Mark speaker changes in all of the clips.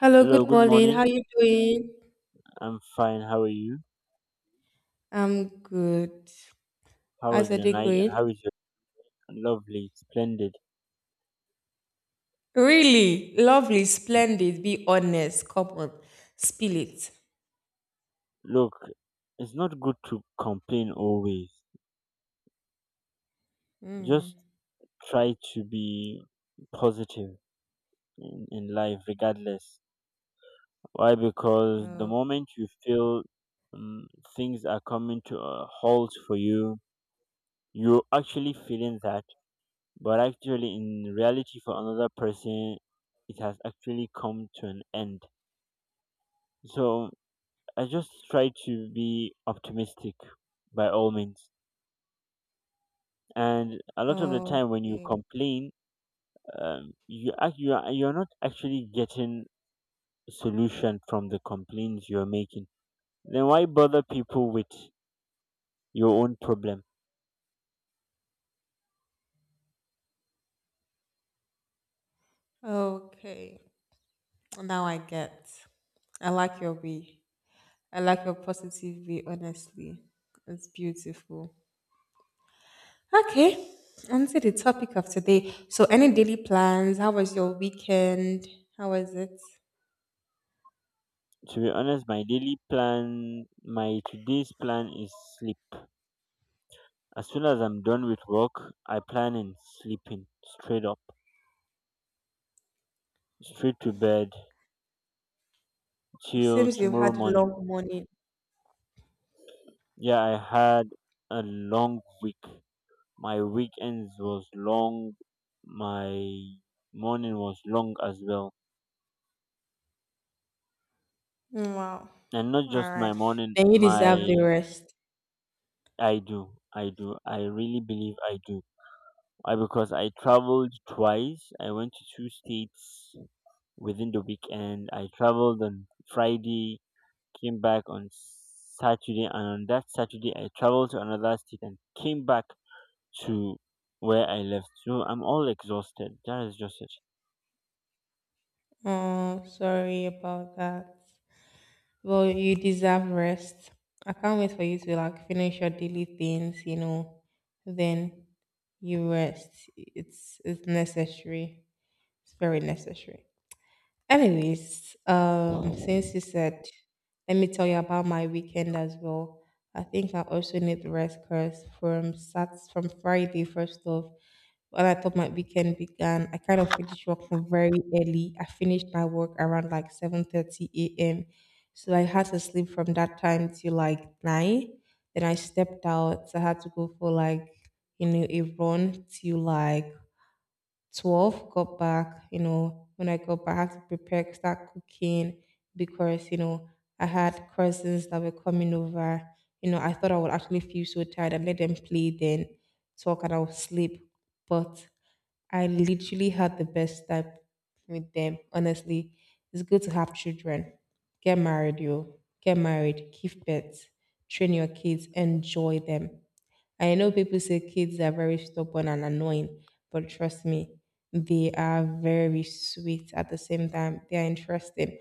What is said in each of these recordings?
Speaker 1: Hello,
Speaker 2: Hello,
Speaker 1: good
Speaker 2: good
Speaker 1: morning.
Speaker 2: morning.
Speaker 1: How you doing?
Speaker 2: I'm fine. How are you?
Speaker 1: I'm good.
Speaker 2: How
Speaker 1: How's
Speaker 2: was
Speaker 1: your
Speaker 2: your
Speaker 1: day
Speaker 2: night and how
Speaker 1: going?
Speaker 2: is your lovely, splendid?
Speaker 1: Really? Lovely, splendid. Be honest. Come on. Spill it.
Speaker 2: Look, it's not good to complain always.
Speaker 1: Mm.
Speaker 2: Just try to be positive in life, regardless. Why? Because the moment you feel um, things are coming to a halt for you, you're actually feeling that, but actually, in reality, for another person, it has actually come to an end. So, I just try to be optimistic by all means. And a lot of the
Speaker 1: Oh,
Speaker 2: time, when you
Speaker 1: okay.
Speaker 2: complain, you act, you're not actually getting a solution from the complaints you're making. Then why bother people with your own problem?
Speaker 1: Okay. Now I get. I like your way. I like your positive way, honestly. It's beautiful. Okay. On to the topic of today. So, any daily plans? How was your weekend? How was it?
Speaker 2: To be honest, my daily plan, my today's plan is sleep. As soon as I'm done with work, I plan in sleeping straight up, straight to bed
Speaker 1: It
Speaker 2: till
Speaker 1: seems you
Speaker 2: tomorrow
Speaker 1: had a
Speaker 2: morning.
Speaker 1: long morning.
Speaker 2: Yeah, I had a long week. My weekends was long. My morning was long as well.
Speaker 1: Mm, wow.
Speaker 2: And not
Speaker 1: All
Speaker 2: just my
Speaker 1: right.
Speaker 2: morning,
Speaker 1: Then you deserve the
Speaker 2: my
Speaker 1: rest.
Speaker 2: I do. I do. I really believe I do. Why? Because I traveled twice. I went to two states within the weekend. I traveled on Friday, came back on Saturday, and on that Saturday, I traveled to another state and came back to where I left. So I'm all exhausted. That is just it.
Speaker 1: Oh, sorry about that. Well, you deserve rest. I can't wait for you to like finish your daily things. Then you rest. It's necessary. It's very necessary. Anyways, since you said, let me tell you about my weekend as well. I think I also need rest because from Sat from Friday first off, when I thought my weekend began, I kind of finished work from very early. I finished my work around like 7:30 a.m. So I had to sleep from that time till like nine. Then I stepped out. I had to go for like a run till like 12 got back. When I got back, I had to prepare start cooking because I had cousins that were coming over. I thought I would actually feel so tired and let them play then talk and I would sleep, but I literally had the best time with them, honestly. It's good to have children. Get married. You get married, give birth, train your kids, enjoy them. I know people say kids are very stubborn and annoying, but trust me, they are very sweet at the same time. They are interesting.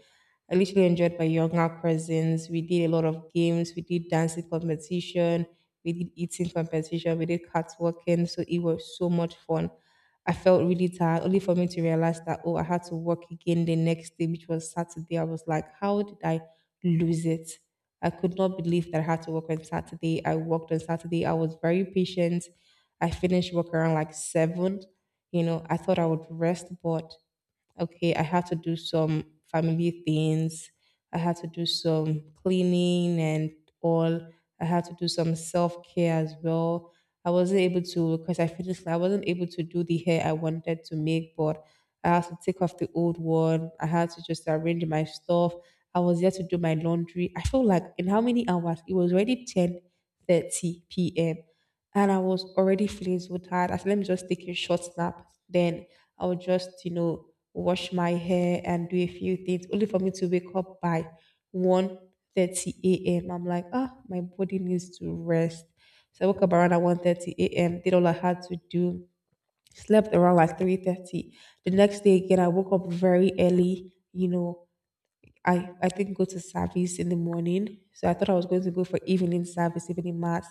Speaker 1: I literally enjoyed my younger cousins. We did a lot of games. We did dancing competition. We did eating competition. We did cat walking. So it was so much fun. I felt really tired, only for me to realize that, oh, I had to work again the next day, which was Saturday. I was like, how did I lose it? I could not believe that I had to work on Saturday. I worked on Saturday. I was very patient. I finished work around like seven. You know, I thought I would rest, but okay, I had to do some family things. I had to do some cleaning and all. I had to do some self care as well. I wasn't able to because I finished. I wasn't able to do the hair I wanted to make, but I had to take off the old one. I had to just arrange my stuff. I was there to do my laundry. I felt like in how many hours? It was already 10:30 p.m. And I was already filled with tired. I said, let me just take a short nap. Then I would just wash my hair and do a few things only for me to wake up by 1:30 a.m. I'm like, ah, my body needs to rest. So I woke up around at 1:30 a.m., did all I had to do, slept around like 3:30. The next day again, I woke up very early. I think go to service in the morning. So I thought I was going to go for evening service, evening mass.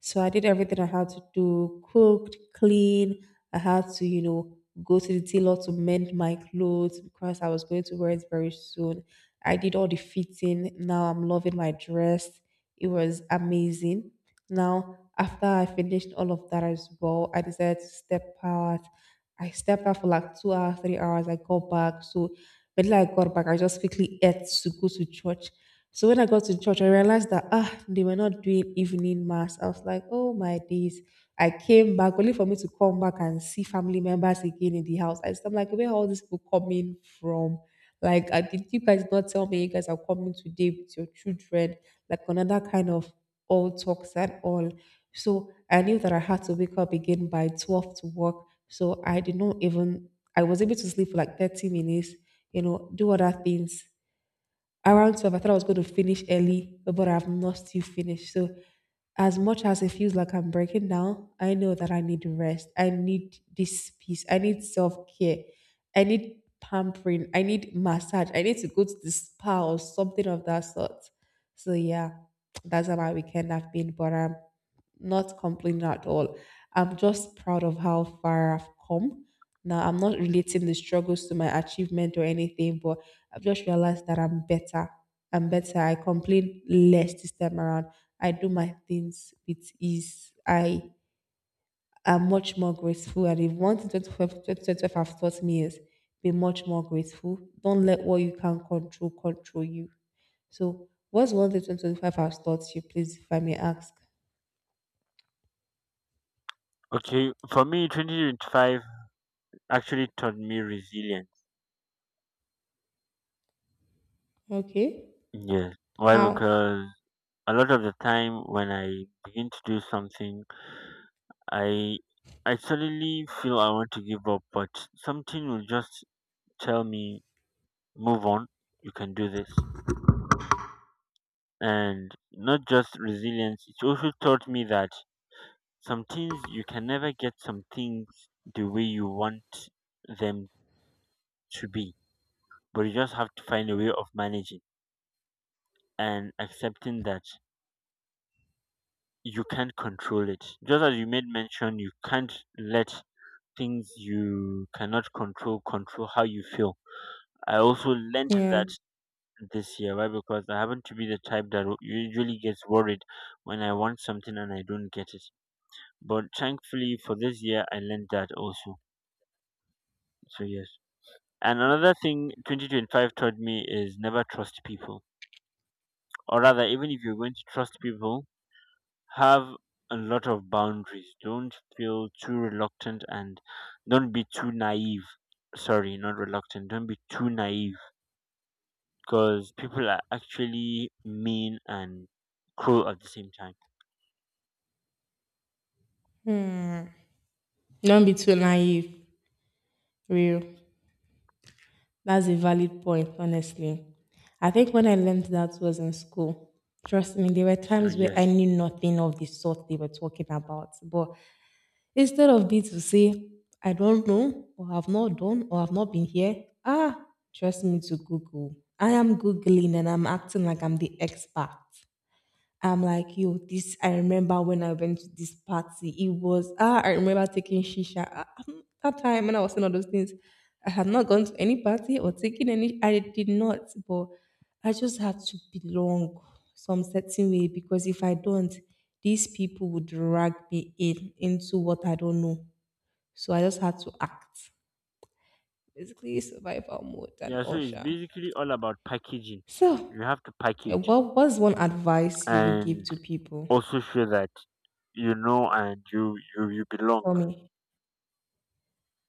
Speaker 1: So I did everything I had to do, cooked, clean. I had to go to the tailor to mend my clothes because I was going to wear it very soon. I did all the fitting. Now I'm loving my dress. It was amazing. Now, after I finished all of that as well, I decided to step out. I stepped out for like 2 hours, 3 hours. I got back. But when I got back, I just quickly ate to go to church. So when I got to church, I realized that they were not doing evening mass. I was like, oh my days. I came back only for me to come back and see family members again in the house. I am like, where are all these people coming from? Like, did you guys not tell me you guys are coming today with your children? Like another kind of all talks and all. So I knew that I had to wake up again by 12 to work. So I did not even, I was able to sleep for like 30 minutes. Do other things. Around 12, I thought I was going to finish early, but I've not still finished. So as much as it feels like I'm breaking down, I know that I need rest. I need this peace. I need self care. I need pampering. I need massage. I need to go to the spa or something of that sort. So, yeah, that's how my weekend have been, but I'm not complaining at all. I'm just proud of how far I've come. Now, I'm not relating the struggles to my achievement or anything, but I've just realized that I'm better. I'm better. I complain less this time around. I do my things with ease. I am much more grateful. And if one thing 2025 have taught me is be much more grateful. Don't let what you can control control you. So, what's one thing 2025 has taught you? Please, if I may ask.
Speaker 2: Okay, for me, 2025 actually taught me resilience.
Speaker 1: Okay.
Speaker 2: Yes. Why?
Speaker 1: How?
Speaker 2: Because a lot of the time when I begin to do something, I I suddenly feel I want to give up, but something will just tell me, move on, you can do this. And not just resilience, it also taught me that some things you can never get some things the way you want them to be, but you just have to find a way of managing and accepting that you can't control it. Just as you made mention, you can't let things you cannot control control how you feel. I also learned
Speaker 1: Yeah.
Speaker 2: that this year. Why? Because I happen to be the type that usually gets worried when I want something and I don't get it. But thankfully for this year, I learned that also. So yes. And another thing 2025 taught me is never trust people. Or rather, even if you're going to trust people, have a lot of boundaries. Don't feel too reluctant and don't be too naive. Sorry, not reluctant. Don't be too naive because people are actually mean and cruel at the same time.
Speaker 1: Hmm. Don't be too naive. Real. That's a valid point, honestly. I think when I learned that was in school, trust me, there were
Speaker 2: So,
Speaker 1: times where I
Speaker 2: yes.
Speaker 1: knew nothing of the sort they were talking about. But instead of me to say, I don't know, or have not done, or have not been here, trust me to Google. I am Googling and I'm acting like I'm the expert. I'm like, yo, this, I remember when I went to this party. I remember taking shisha. That time when I was saying all those things, I had not gone to any party or taken any, I did not, but I just had to belong some certain way because if I don't, these people would drag me in into what I don't know. So I just had to act. Basically, survival mode and
Speaker 2: Yeah, so
Speaker 1: all.
Speaker 2: it's
Speaker 1: Sha.
Speaker 2: basically all about packaging.
Speaker 1: So,
Speaker 2: You have to package
Speaker 1: what was one advice you would give
Speaker 2: and
Speaker 1: to people?
Speaker 2: also show that you know and you belong.
Speaker 1: Tell me.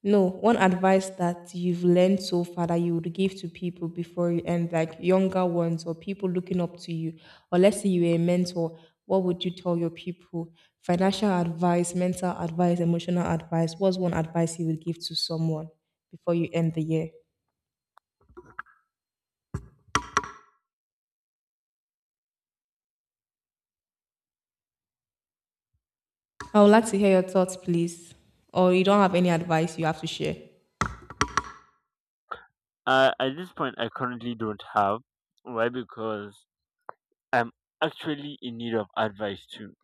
Speaker 1: No, one advice that you've learned so far that you would give to people before you end, like younger ones or people looking up to you, or let's say you are a mentor, what would you tell your people? Financial advice, mental advice, emotional advice. What's one advice you would give to someone before you end the year? I would like to hear your thoughts, please. Or you don't have any advice you have to share.
Speaker 2: At this point, I currently don't have. Why? Because I'm actually in need of advice too.